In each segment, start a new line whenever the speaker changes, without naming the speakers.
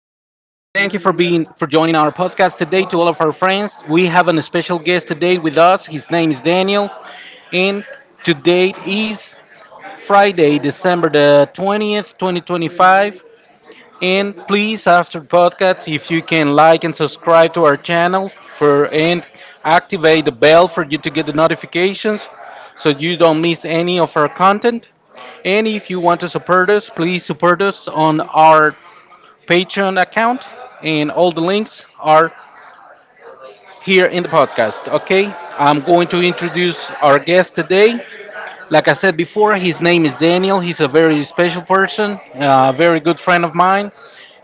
you for joining our podcast today to all of our friends. We have a special guest today with us. His name is Daniel, and today is Friday, December the 20th, 2025. And please, after podcast, if you can like and subscribe to our channel for and activate the bell for you to get the notifications so you don't miss any of our content. And if you want to support us, please support us on our Patreon account, and all the links are here in the podcast. Okay, I'm going to introduce our guest today. Like I said before, his name is Daniel. He's a very special person, a very good friend of mine,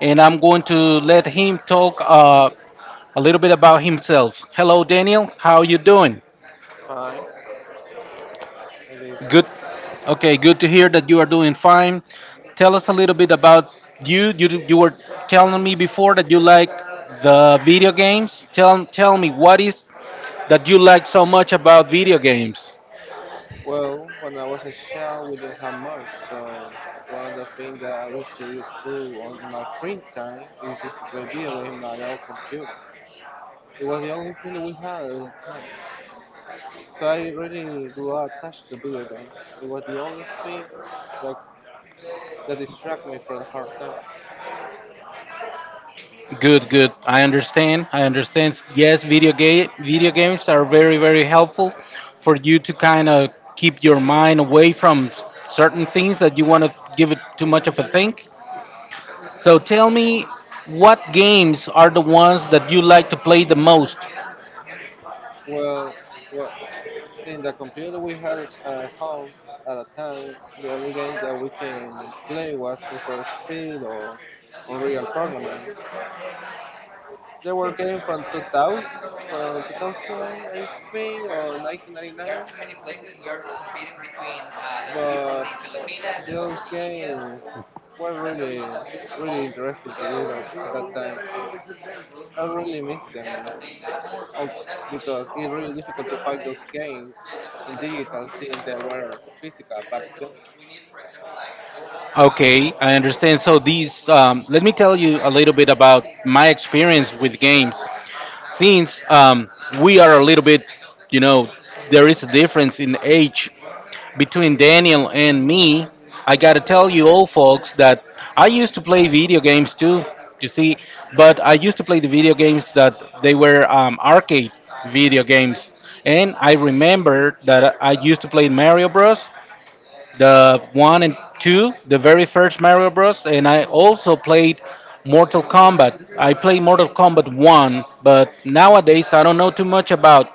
and I'm going to let him talk a little bit about himself. Hello, Daniel. How you doing?
fine. I do fine.
Good. Okay, good to hear that you are doing fine. Tell us a little bit about you. You were telling me before that you like the video games. Tell me what is that you like so much about video games.
Well, when I was a child, we didn't have much, so one of the things that I used to do on my free time is just to play video games on my own computer. It was the only thing that we had at the time. So I really grew up attached to video games. It was the only thing that that distracted me from the hard times.
Good, good. I understand. I understand. Yes, video games are very very helpful for you to kind of keep your mind away from certain things that you want to give it too much of a think. So tell me, what games are the ones that you like to play the most?
Well, what in the computer we had at home at a time, the only game that we can play was Need for Speed or Unreal Tournament. They were games from 2000, I think, or 1999, but those games were really, really interesting to use at that time. I really miss them al- because it's really difficult to find those games in digital since they were physical back then.
Okay, I understand. So these, let me tell you a little bit about my experience with games. Since We are a little bit, you know, there is a difference in age between Daniel and me. I gotta tell you, all folks, that I used to play video games too. You see, but I used to play the video games that they were arcade video games, and I remember that I used to play Mario Bros the one and two, the very first Mario Bros. And I also played Mortal Kombat. I played Mortal Kombat one, but nowadays I don't know too much about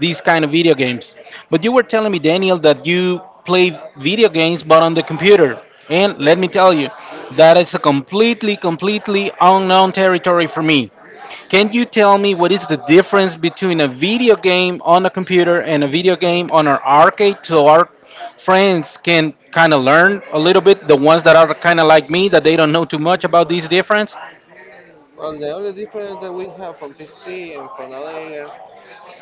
these kind of video games. But you were telling me, Daniel, that you play video games but on the computer. And let me tell you, that is a completely, completely unknown territory for me. Can you tell me what is the difference between a video game on a computer and a video game on our arcade so our friends can kind of learn a little bit, the ones that are kind of like me, that they don't know too much about these difference?
Well, the only difference that we have from PC and from other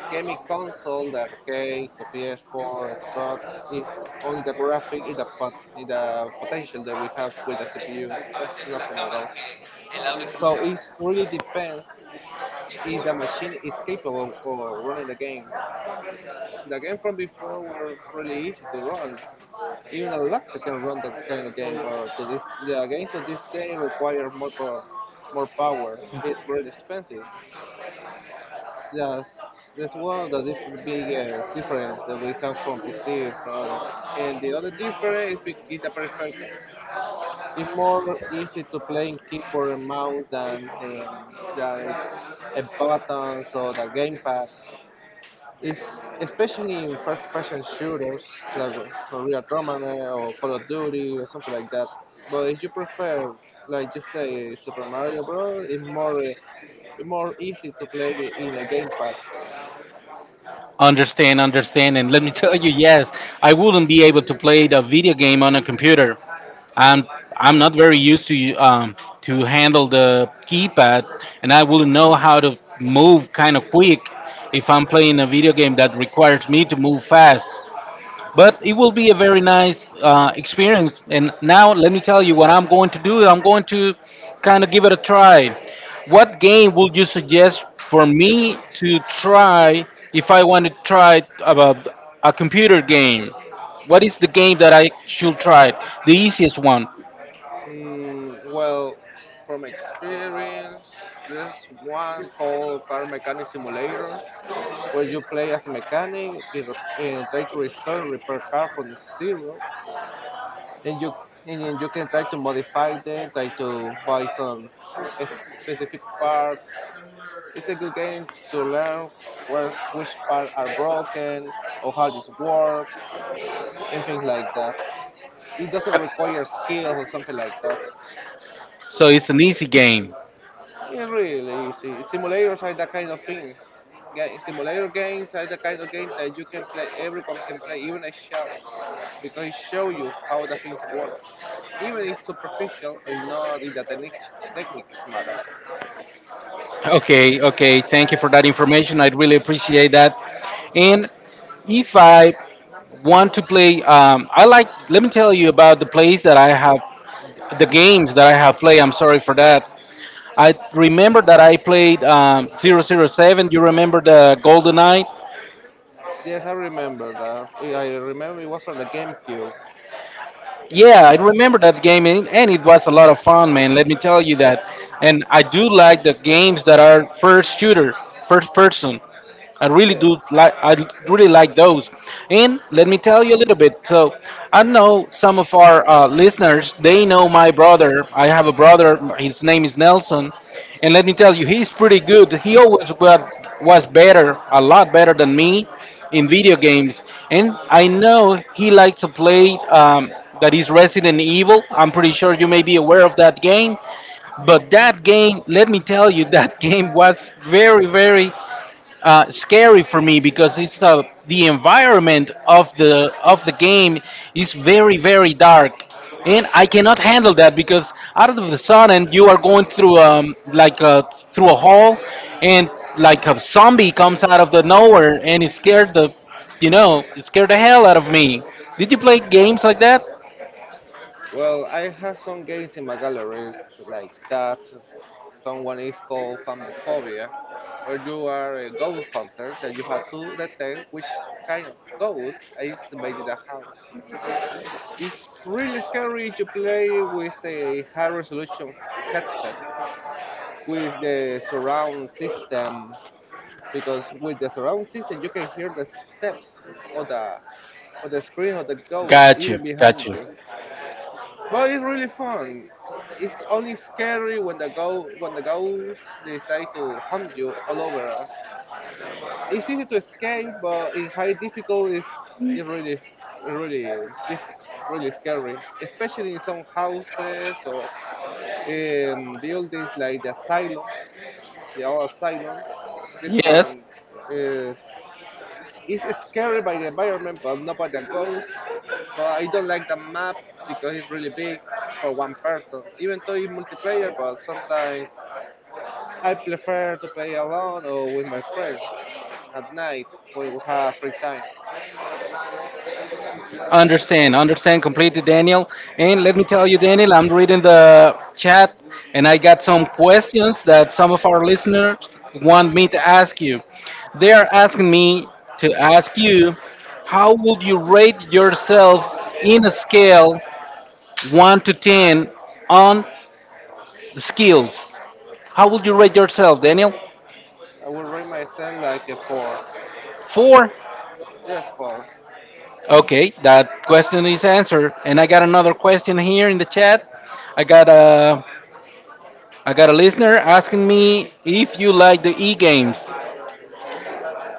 gaming console, the arcades, the PS4, Xbox, is only the graphic, in the potential that we have with the CPU. That's nothing at all. So it really depends if the machine is capable of running the game. The game from before were really easy to run. Even a laptop can run that kind of game, but to this, the games of this day require more power. It's really expensive. Yes, that's one of the biggest difference that we have from PC from other. And the other difference is is the preference. It's more easy to play in keyboard and mouse than a buttons or the gamepad. It's especially in first-person shooters like Real Tournament or Call of Duty or something like that. But if you prefer, like you say, Super Mario Bros, it's more easy to play in a gamepad.
Understand, understand, and let me tell you, yes, I wouldn't be able to play the video game on a computer. I'm I'm not very used to handle the keypad, and I wouldn't know how to move kind of quick if I'm playing a video game that requires me to move fast. But it will be a very nice experience. And now let me tell you what I'm going to do. I'm going to kind of give it a try. What game would you suggest for me to try if I want to try about a computer game? What is the game that I should try? The easiest one.
Well, from experience, there's one called Car Mechanic Simulator where you play as a mechanic and try to restore repair car from zero, and you and then you can try to modify them, try to buy some specific parts. It's a good game to learn where which parts are broken or how this works and things like that. It doesn't require skills or something like that.
So it's an easy game.
It's really easy. Simulators are the kind of things. Simulator games are the kind of game that you can play. Everyone can play, even a child, because it shows you how the things work, even if superficial or not in the technique matter.
Okay, okay. Thank you for that information. I really appreciate that. And if I want to play, I like. Let me tell you about the plays that I have, the games that I have played. I'm sorry for that. I remember that I played zero zero 007. You remember the Golden Eye?
Yes, I remember that. I remember it was from the GameCube.
Yeah, I remember that game, and it was a lot of fun, man. Let me tell you that. And I do like the games that are first shooter, first person. I really
Yes.
do like. I really like those. And let me tell you a little bit. So I know some of our listeners. They know my brother. I have a brother. His name is Nelson. And let me tell you, he's pretty good. Was better, a lot better than me in video games. And I know he likes to play that is Resident Evil. I'm pretty sure you may be aware of that game. But that game, let me tell you, that game was very, very scary for me because it's the environment of the game is very, very dark and I cannot handle that because out of the sun and you are going through through a hall and like a zombie comes out of the nowhere and it scared the it scared the hell out of me. Did you play games like that?
Well, I have some games in my galleries like that. Someone is called Famophobia, where you are a goat hunter that you have to detect which kind of goat is invading the house. It's really scary to play with a high resolution headset with the surround system because with the surround system you can hear the steps or the or the screen of the ghost
Got you,
even
got
behind
you.
you. But it's really fun. It's only scary when the ghost decide to hunt you all over. It's easy to escape, but in high difficulty, it's really, really, diff- really scary. Especially in some houses or in buildings like the asylum, the old asylum. This
Yes.
one is. It's scary by the environment, but nobody goes. But I don't like the map because it's really big for one person. Even though it's multiplayer, but sometimes I prefer to play alone or with my friends at night when we have free time.
Understand, understand completely, Daniel. And let me tell you, Daniel, I'm reading the chat and I got some questions that some of our listeners want me to ask you. They are asking me to ask you, how would you rate yourself in a scale 1 to 10 on skills? How would you rate yourself, Daniel?
I will rate myself like a four.
Four?
Yes, four.
Okay, that question is answered. And I got another question here in the chat. I got I got a listener asking me if you like the e-games.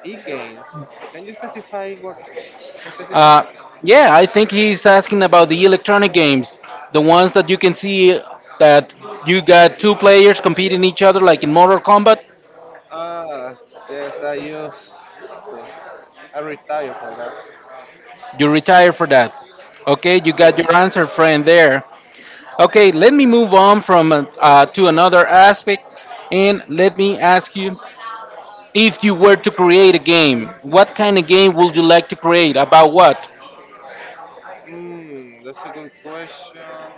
E-games. Can you specify what specify?
Uh, yeah, I think he's asking about the electronic games, the ones that you can see that you got two players competing each other, like in Mortal Kombat.
Ah, yes, I used to. I retired from that.
You retire for that. Okay, you got
Yes.
your answer, friend. There. Okay, let me move on from to another aspect, and let me ask you, if you were to create a game, what kind of game would you like to create? About what?
That's a good question.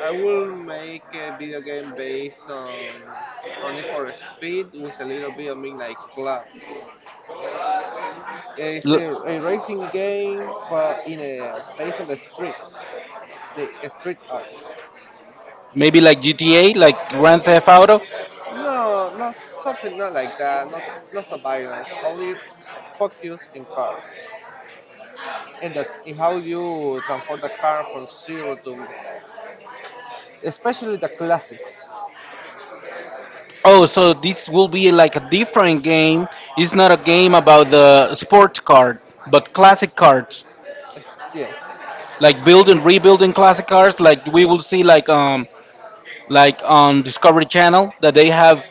I will make a video game based on only for speed with a little bit of Midnight Club. It's a racing game, but in a based on the streets, the street art.
Maybe like GTA, like Grand Theft Auto.
No, not something not like that. Not so violence. Only focus in cars and that in how you transform the car from zero to especially the classics.
Oh, so this will be like a different game. It's not a game about the sports card, but classic cards,
Es- Yes.
like building, rebuilding classic cards. Like we will see, like on Discovery Channel, that they have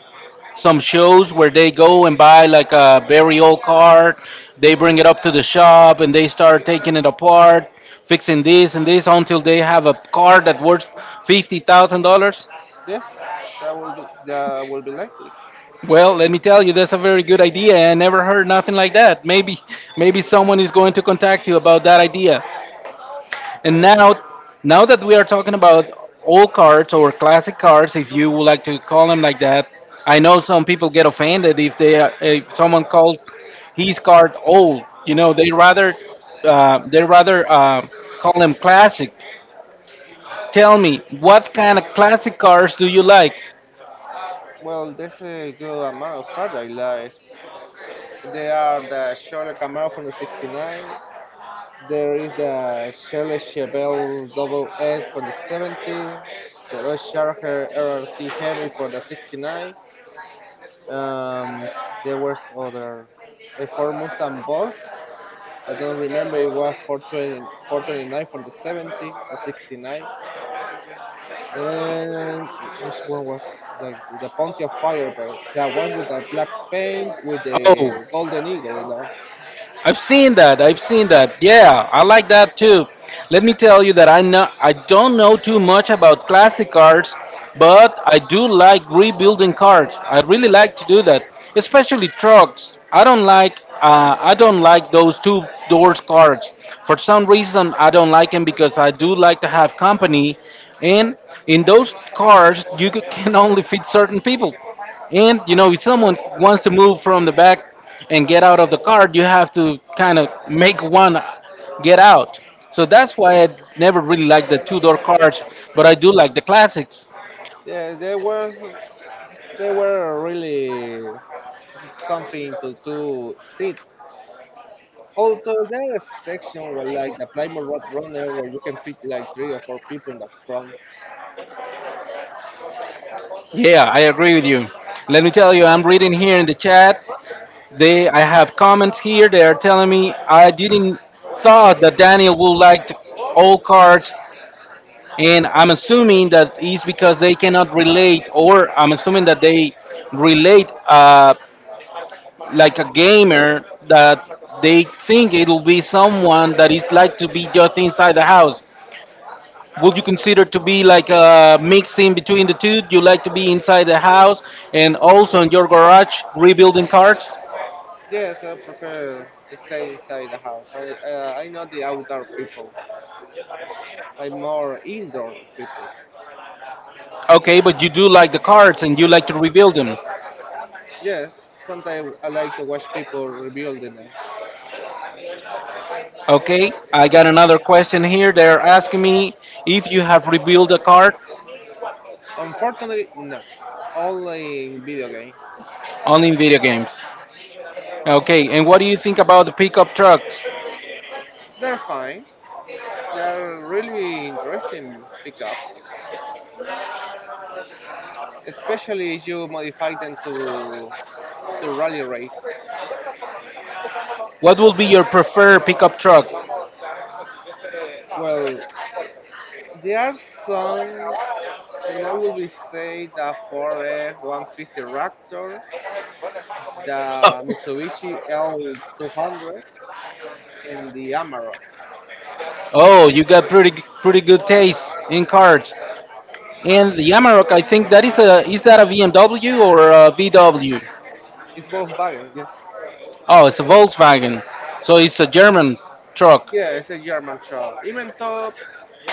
some shows where they go and buy like a very old card. They bring it up to the shop and they start taking it apart, fixing this and this until they have a card that worth $50,000.
Yes, That will be likely.
Well, let me tell you, that's a very good idea. I never heard nothing like that. Maybe, maybe someone is going to contact you about that idea. And
Maybe.
now, now that we are talking about old cards or classic cards, if you would like to call them like that, I know some people get offended if they are, if someone calls his card old. You know, they rather call them classic. Tell me, what kind of classic cards do you like?
Well, there's a good amount of paradise. There are the Shirley Camaro from the '69. There is the Chevrolet Chevelle Double S from the '70. The Dodge Charger RRT Hemi for the '69. Um, there was other a Ford Mustang Boss. I don't remember, it was 420, 429 for the 70 or 69. And which one was like the Pontiac Firebird? That one with the black paint with the
Oh,
golden eagle. You know?
I've seen that. I've seen that. Yeah, I like that too. Let me tell you that I know I don't know too much about classic cars, but I do like rebuilding cars. I really like to do that, especially trucks. I don't like those two doors cars. For some reason, I don't like them because I do like to have company, and in those cars you can only fit certain people. And you know, if someone wants to move from the back and get out of the car, you have to kind of make one get out. So that's why I never really liked the two-door cars, but I do like the classics.
Yeah, they were really something to sit. Although there is a section where like the Plymouth Road Runner where you can fit like three or four people in the front.
Yeah, I agree with you. Let me tell you, I'm reading here in the chat. They, I have comments here. They are telling me I didn't thought that Daniel would like old cars, and I'm assuming that is because they cannot relate, or I'm assuming that they relate. Like a gamer that they think it'll be someone that is like to be just inside the house. Would you consider to be like a mix in between the two? Do you like to be inside the house and also in your garage rebuilding cards?
Yes, I prefer stay inside the house. I know the outdoor people. I'm more indoor people.
Okay, but you do like the cards and you like to rebuild them.
Yes, sometimes I like to watch people rebuilding them.
Okay, I got another question here. They're asking me if you have rebuilt a card
Unfortunately, no. Only video games.
only in video games. Okay, and what do you think about the pickup trucks?
They're fine. They're really interesting pickups, especially if you modify them to rally rate.
What will be your preferred pickup truck?
Well, there are some, and I will be say the 4F150 Raptor, the Mitsubishi L200, and the Amarok.
Oh, you got pretty good taste in cars. And the Amarok, I think that is a is that a BMW or a VW?
It's Volkswagen, yes.
Oh, it's a Volkswagen. So it's a German truck.
Yeah, it's a German truck. Even though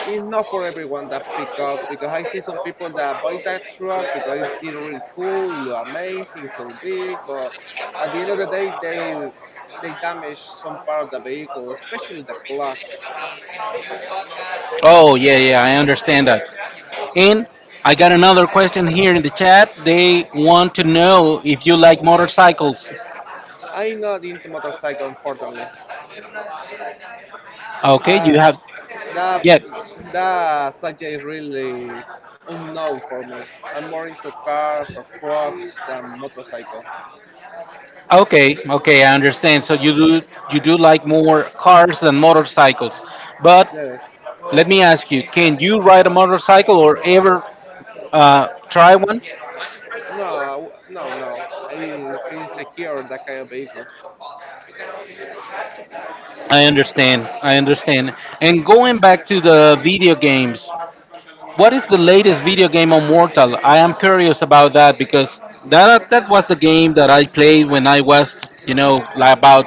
it's not for everyone that pick up, because I see some people that buy that truck because it really cool, it look amazing, it's so big, but at the end of the day, they damage some part of the vehicle, especially the clutch.
Oh yeah, yeah, I understand that. And I got another question here in the chat. They want to know if you like motorcycles.
I'm not into motorcycle, unfortunately.
Okay,
Uh,
you have
that
yeah.
that subject is really unknown for me. I'm more into cars or trucks than motorcycle.
Okay, okay, I understand. So you do like more cars than motorcycles. But
Yes.
let me ask you, can you ride a motorcycle or ever try one?
No, no, no. I feel secure in that kind of vehicle.
I understand. I understand. And going back to the video games, what is the latest video game on Mortal? I am curious about that because that was the game that I played when I was, you know, like about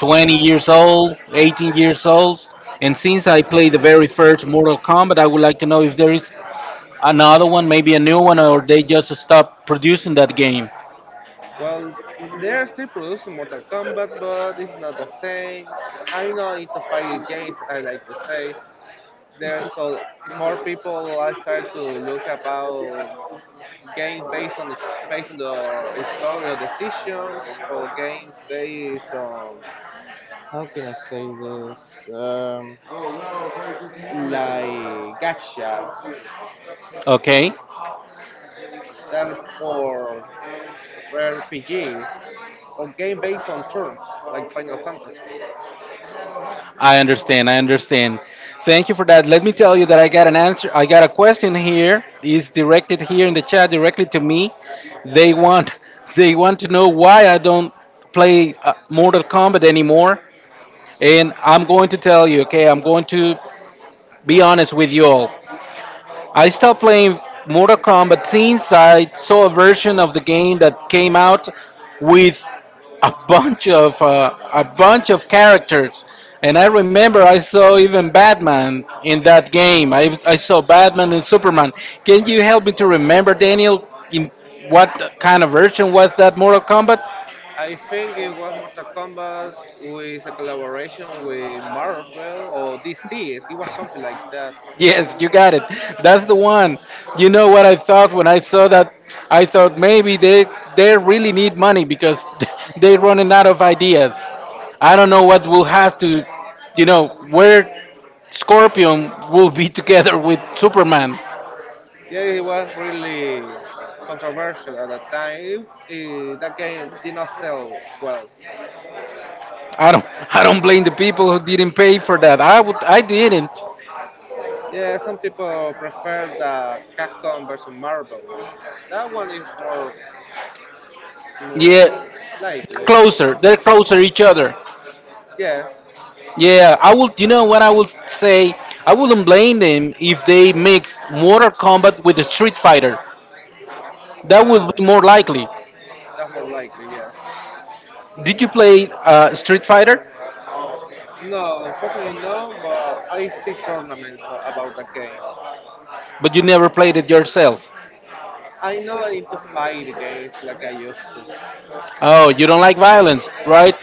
20 years old, 18 years old. And since I played the very first Mortal Kombat, I would like to know if there is another one, maybe a new one, or they just stop producing that game.
Well, they are still producing Mortal Kombat, but it's not the same. I know into fighting games. I like to say there's so more people. I start to look about games based on based on the story or decisions, or games based on how can I say this? Like gacha,
Okay,
that or RPG. Or game based on turns, like Final Fantasy.
I understand. I understand. Thank you for that. Let me tell you that I got an answer. I got a question here. It's directed here in the chat directly to me. They want they want to know why I don't play Mortal Kombat anymore. And I'm going to tell you, okay? I'm going to be honest with you all. I stopped playing Mortal Kombat since I saw a version of the game that came out with a bunch of characters. And I remember I saw even Batman in that game. I saw Batman and Superman. Can you help me to remember, Daniel, in what kind of version was that Mortal Kombat?
I think it was Mortal Kombat with a collaboration with Marvel or DC. It was something like that. It
Yes,
w-
you got it. That's the one. You know what I thought when I saw that? I thought maybe they really need money because they're running out of ideas. I don't know what will have to, you know, where Scorpion will be together with Superman.
yeah, it was really controversial at that time. That game did not sell well.
I don't I don't blame the people who didn't pay for that. I didn't.
Yeah, some people prefer the Capcom versus Marvel. That one is more,
Yeah,
more likely.
closer. They're closer each other.
Yes.
Yeah, I would. You know what I would say? I wouldn't blame them if they mixed Mortal Kombat with Street Fighter. That would
Ah,
be more likely.
that's more likely. Yes.
Did you play Street Fighter?
No, unfortunately no, but I see tournaments about the game.
But you never played it yourself.
I'm not into fight games like I used to.
Oh, you don't like violence, right?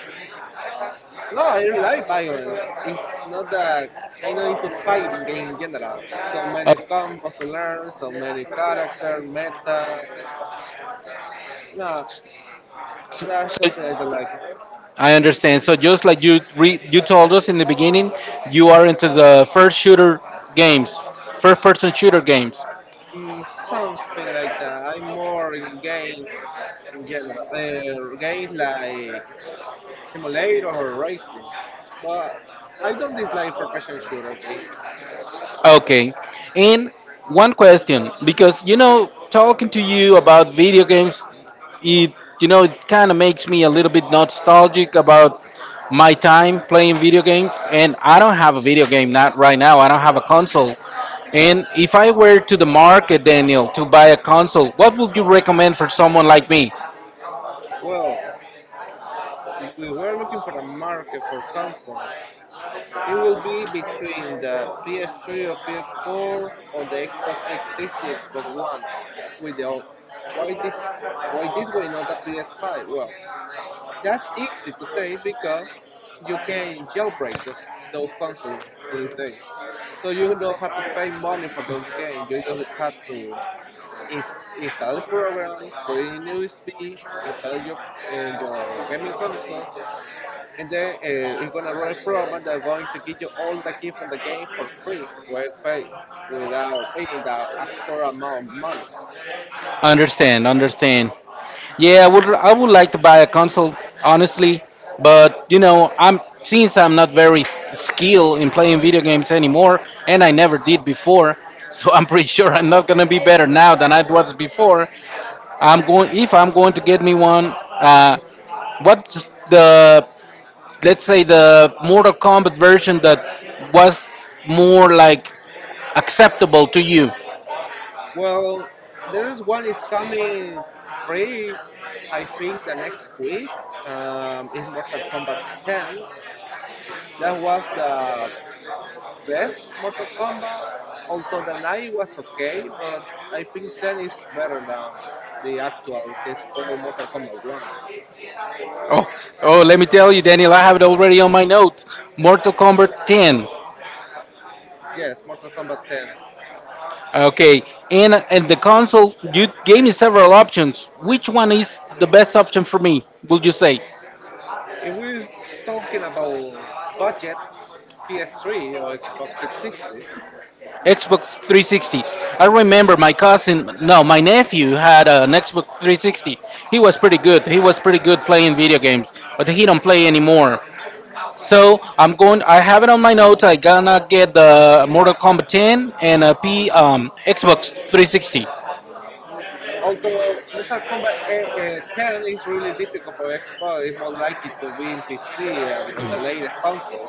No, I like violence. It's not that I'm not into fighting game in general. So many
Oh,
combos to learn, so many character, meta. No, that's something I
so
don't like.
I understand. So just like you you told us in the beginning, you are into the first shooter games, first person shooter games.
Something like that. I'm more in games in general. Games like simulator or racing. But I don't dislike first person shooter games.
Okay. And one question, because you know, talking to you about video games, it you know, it kind of makes me a little bit nostalgic about my time playing video games. And I don't have a video game not right now. I don't have a console. And if I were to the market, Daniel, to buy a console, what would you recommend for someone like me?
Well, if we were looking for a market for consoles, it would be between the PS3 or PS4 or the Xbox 360, Xbox One. With the old, why this why this way not a PS5? Well, that's easy to say because you can jailbreak those consoles to this day. So you don't have to pay money for those games. You just have to install a program, put it in USB, install your gaming console, and then it's gonna run a program that's going to give you all the key from the game for free, well pay, without paying the extra amount of money.
Understand, understand. Yeah, I would like to buy a console, honestly, but you know, I'm since I'm not very skilled in playing video games anymore, and I never did before, so I'm pretty sure I'm not gonna be better now than I was before. I'm going If I'm going to get me one. What's the let's say the Mortal Kombat version that was more like acceptable to you?
Well, there is one is coming free. I think the next week is Mortal Kombat 10. That was the best Mortal Kombat. Although the 9 was okay, but I think 10 is better than the actual. It's called Mortal Kombat 1.
Oh, oh, let me tell you, Daniel, I have it already on my notes. Mortal Kombat 10.
Yes, Mortal Kombat 10.
Okay, and the console, you gave me several options. Which one is the best option for me? Would you say
If we're talking about budget, PS3 or Xbox 360,
Xbox 360? I remember my cousin, no, my nephew had an Xbox 360. He was pretty good. He was pretty good playing video games, but he don't play anymore. So I'm going. I have it on my notes. I gonna get the Mortal Kombat 10 and a P Xbox 360.
although Mortal Kombat 10 is really difficult for Xbox, it's more likely to be in PC and on the latest console.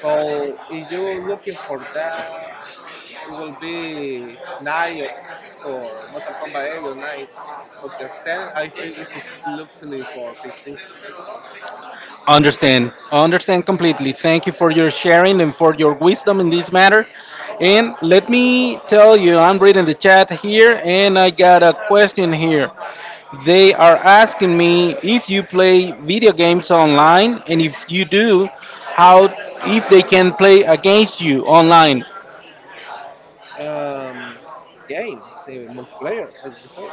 So if you're looking for that, it will be 9 or Mortal Kombat 8 or 9. Because 10, I think, is exclusively for PC.
Understand. Understand completely. Thank you for your sharing and for your wisdom in this matter. And let me tell you, I'm reading the chat here and I got a question here. They are asking me if you play video games online and if you do, how if they can play against you online.
Um, games, multiplayer, as you say.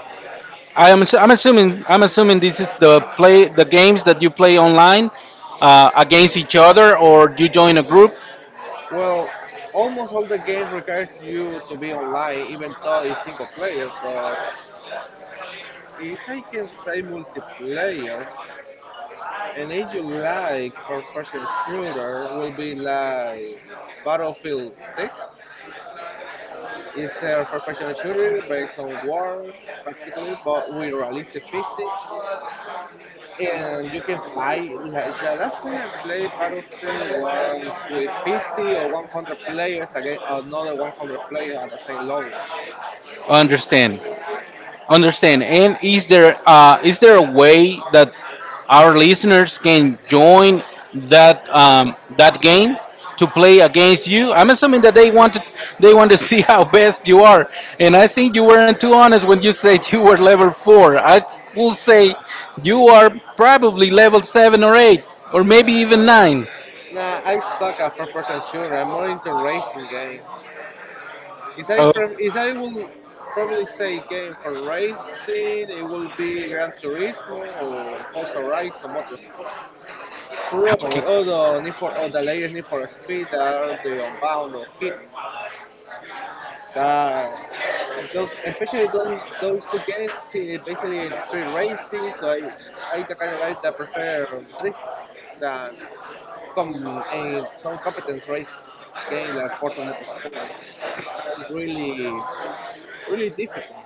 I'm assuming this is the play the games that you play online against each other or you join a group.
Well, almost all the game requires you to be online, even though it's single player. But if I can say multiplayer, and if you like first-person shooter, will be like Battlefield 6. It's a first-person shooter based on war, practically, but with realistic physics, and you can fight. Like the last time I played Battlefield was with 50 or 100 players against another 100 players at the same level.
Understand. Understand. And is there a way that our listeners can join that that game to play against you? I'm assuming that they want to see how best you are. And I think you weren't too honest when you said you were level four. I will say you are probably level seven or eight, or maybe even nine.
Nah, I suck at first person shooter. I'm more into racing games. If I
Oh,
pre- if I will probably say game for racing, it will be Gran Turismo or Forza Horizon Motorsport. Probably
okay.
all the latest Need for Speed are the Unbound or Hit. That those, especially those two games see, basically in street racing. So I the kind of guy that prefer drift than some competence racing, again, like Forza Motorsport, that really, really difficult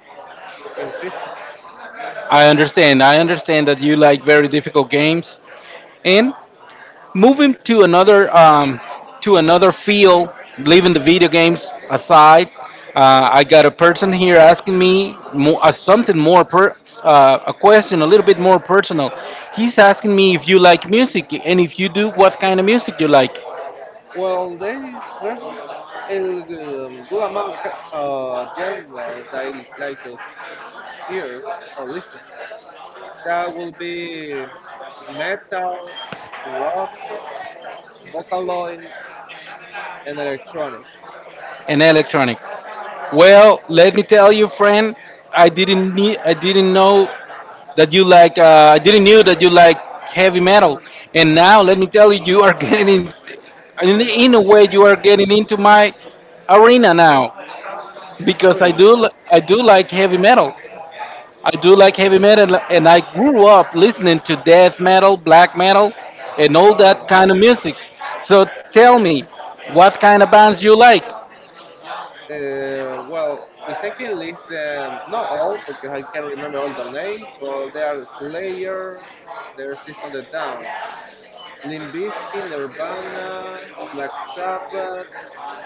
in physics.
I understand. I understand that you like very difficult games. And moving to another field, leaving the video games aside, I got a person here asking me more, a question a little bit more personal. He's asking me if you like music, and if you do, what kind of music you like.
Well, there's a good amount of genre that I like to hear or listen. That will be metal, rock, vocaloid, and electronic.
And electronic. Well, let me tell you, friend, I didn't know that you like, heavy metal, and now let me tell you, you are getting in a way, you are getting into my arena now, because I
Really,
do, I do like heavy metal. I do like heavy metal, and I grew up listening to death metal, black metal, and all
uh,
that kind of music. So tell me, what kind of bands you like?
Uh, well, if I list them, not all, because I can't remember all the names, but they are Slayer, their System of a Down, Limp Bizkit, Nirvana, Black Sabbath,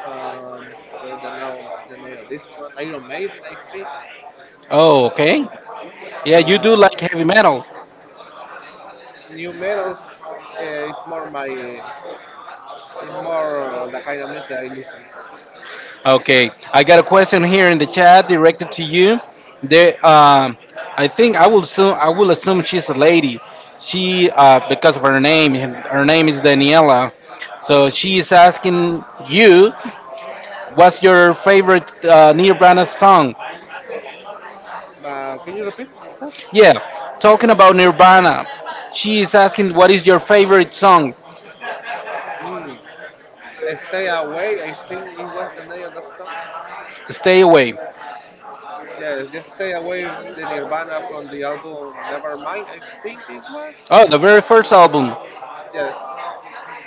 um, where the now the name of this one, Iron Maiden, I think.
Oh, okay. Yeah, you do
Uh,
like heavy metal.
new metals uh, is more my, is more the kind of music I listen.
Okay, I got a question here in the chat directed to you. There, I think I will assume she's a lady. Because of her name is Daniela. So she is asking you, what's your favorite Nirvana song?
Can you repeat that?
Yeah, talking about Nirvana, she is asking what is your favorite song?
Mm, Stay Away, I think it was the name of the song.
Stay away.
Yes, just stay away the Nirvana from the album Nevermind. I think it was.
Oh, the very first album.
Yes,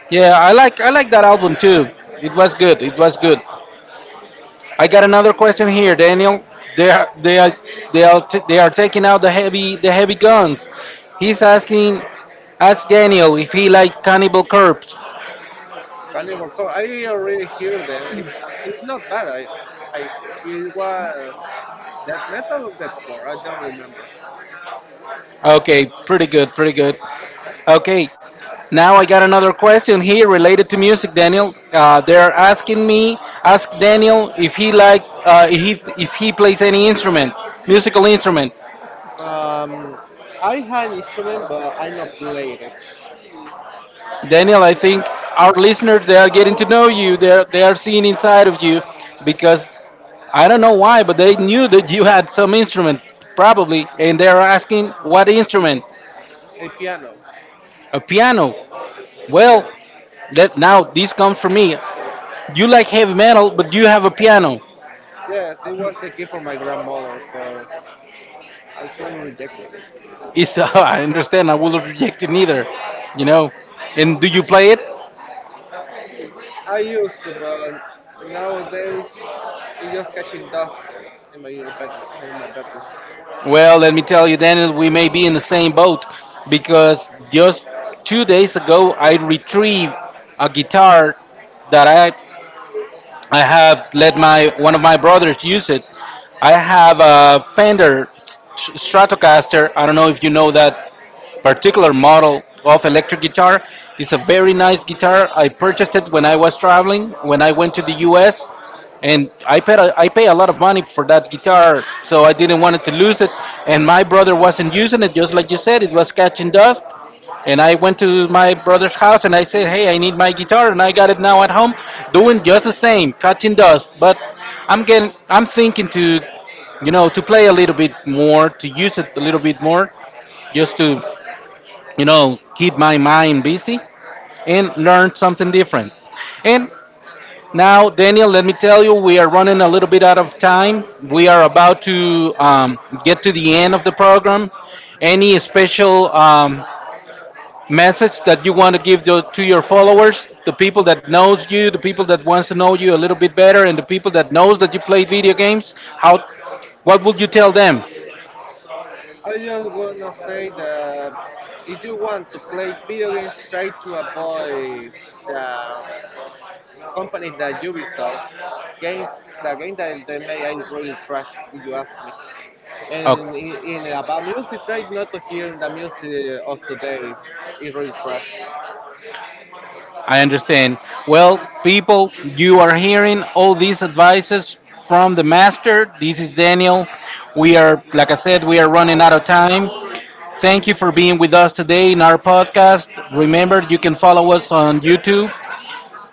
Yeah, I like that album too. It was good. It was good. I got another question here, Daniel. They are they are they are taking out the heavy guns. He's asking, ask Daniel if he likes Cannibal Corpse.
Carnivore Corpse. I already hear them. It's not bad. I it was that metal or that core. I don't remember.
Okay, pretty good, pretty good. Okay, now I got another question here related to music, Daniel. They're asking me, ask Daniel if he likes if he plays any instrument, musical instrument.
Um, I had an instrument, but I not played it.
Daniel, I think our listeners they are getting to know you. They are seeing inside of you because I don't know why, but they knew that you had some instrument probably, and they are asking what instrument?
A piano.
A piano. Well,
Yes,
that now this comes from me. You like heavy metal, but you have a piano.
yes. It was a gift for my grandmother, so I couldn't reject it.
It's I understand. I would not reject it neither. You know. And do you play it?
I used to, but nowadays it's just catching dust in my bedroom. In my bedroom.
Well, let me tell you, Daniel, we may be in the same boat because just 2 days ago I retrieved a guitar that I have let my one of my brothers use it. I have a Fender Stratocaster. I don't know if you know that particular model of electric guitar. It's a very nice guitar. I purchased it when I was traveling when I went to the U.S. And I pay a lot of money for that guitar, so I didn't want to lose it. And my brother wasn't using it, just like you said, it was catching dust. And I went to my brother's house and I said, "Hey, I need my guitar," and I got it now at home, doing just the same, catching dust. But I'm thinking to, you know, to play a little bit more, to use it a little bit more, just to, you know, keep my mind busy and learn something different. And now, Daniel, let me tell you, we are running a little bit out of time. We are about to get to the end of the program. Any special message that you want to give to your followers, the people that knows you, the people that wants to know you a little bit better, and the people that knows that you play video games? How? What would you tell them?
I just wanna say that if you want to play video games, try to avoid the company that Ubisoft games. The game that they make are really trash, if you ask me. And
Okay.
in about music, try not to hear the music of today. It's really trash.
I understand. Well, people, you are hearing all these advices from the master. This is Daniel. We are, like I said, we are running out of time. Thank you for being with us today in our podcast. Remember, you can follow us on YouTube.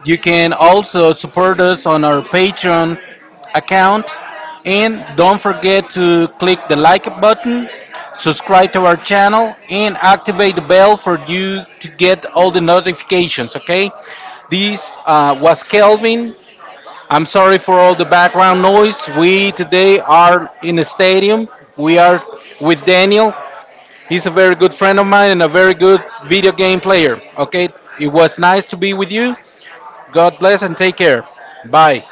You can also support us on our Patreon account. And don't forget to click the like button, subscribe to our channel, and activate the bell for you to get all the notifications, okay? This was Kelvin. I'm sorry for all the background noise. We today are in a stadium. We are with Daniel. He's a very good friend of mine and a very good video game player. Okay, it was nice to be with you. God bless and take care. Bye.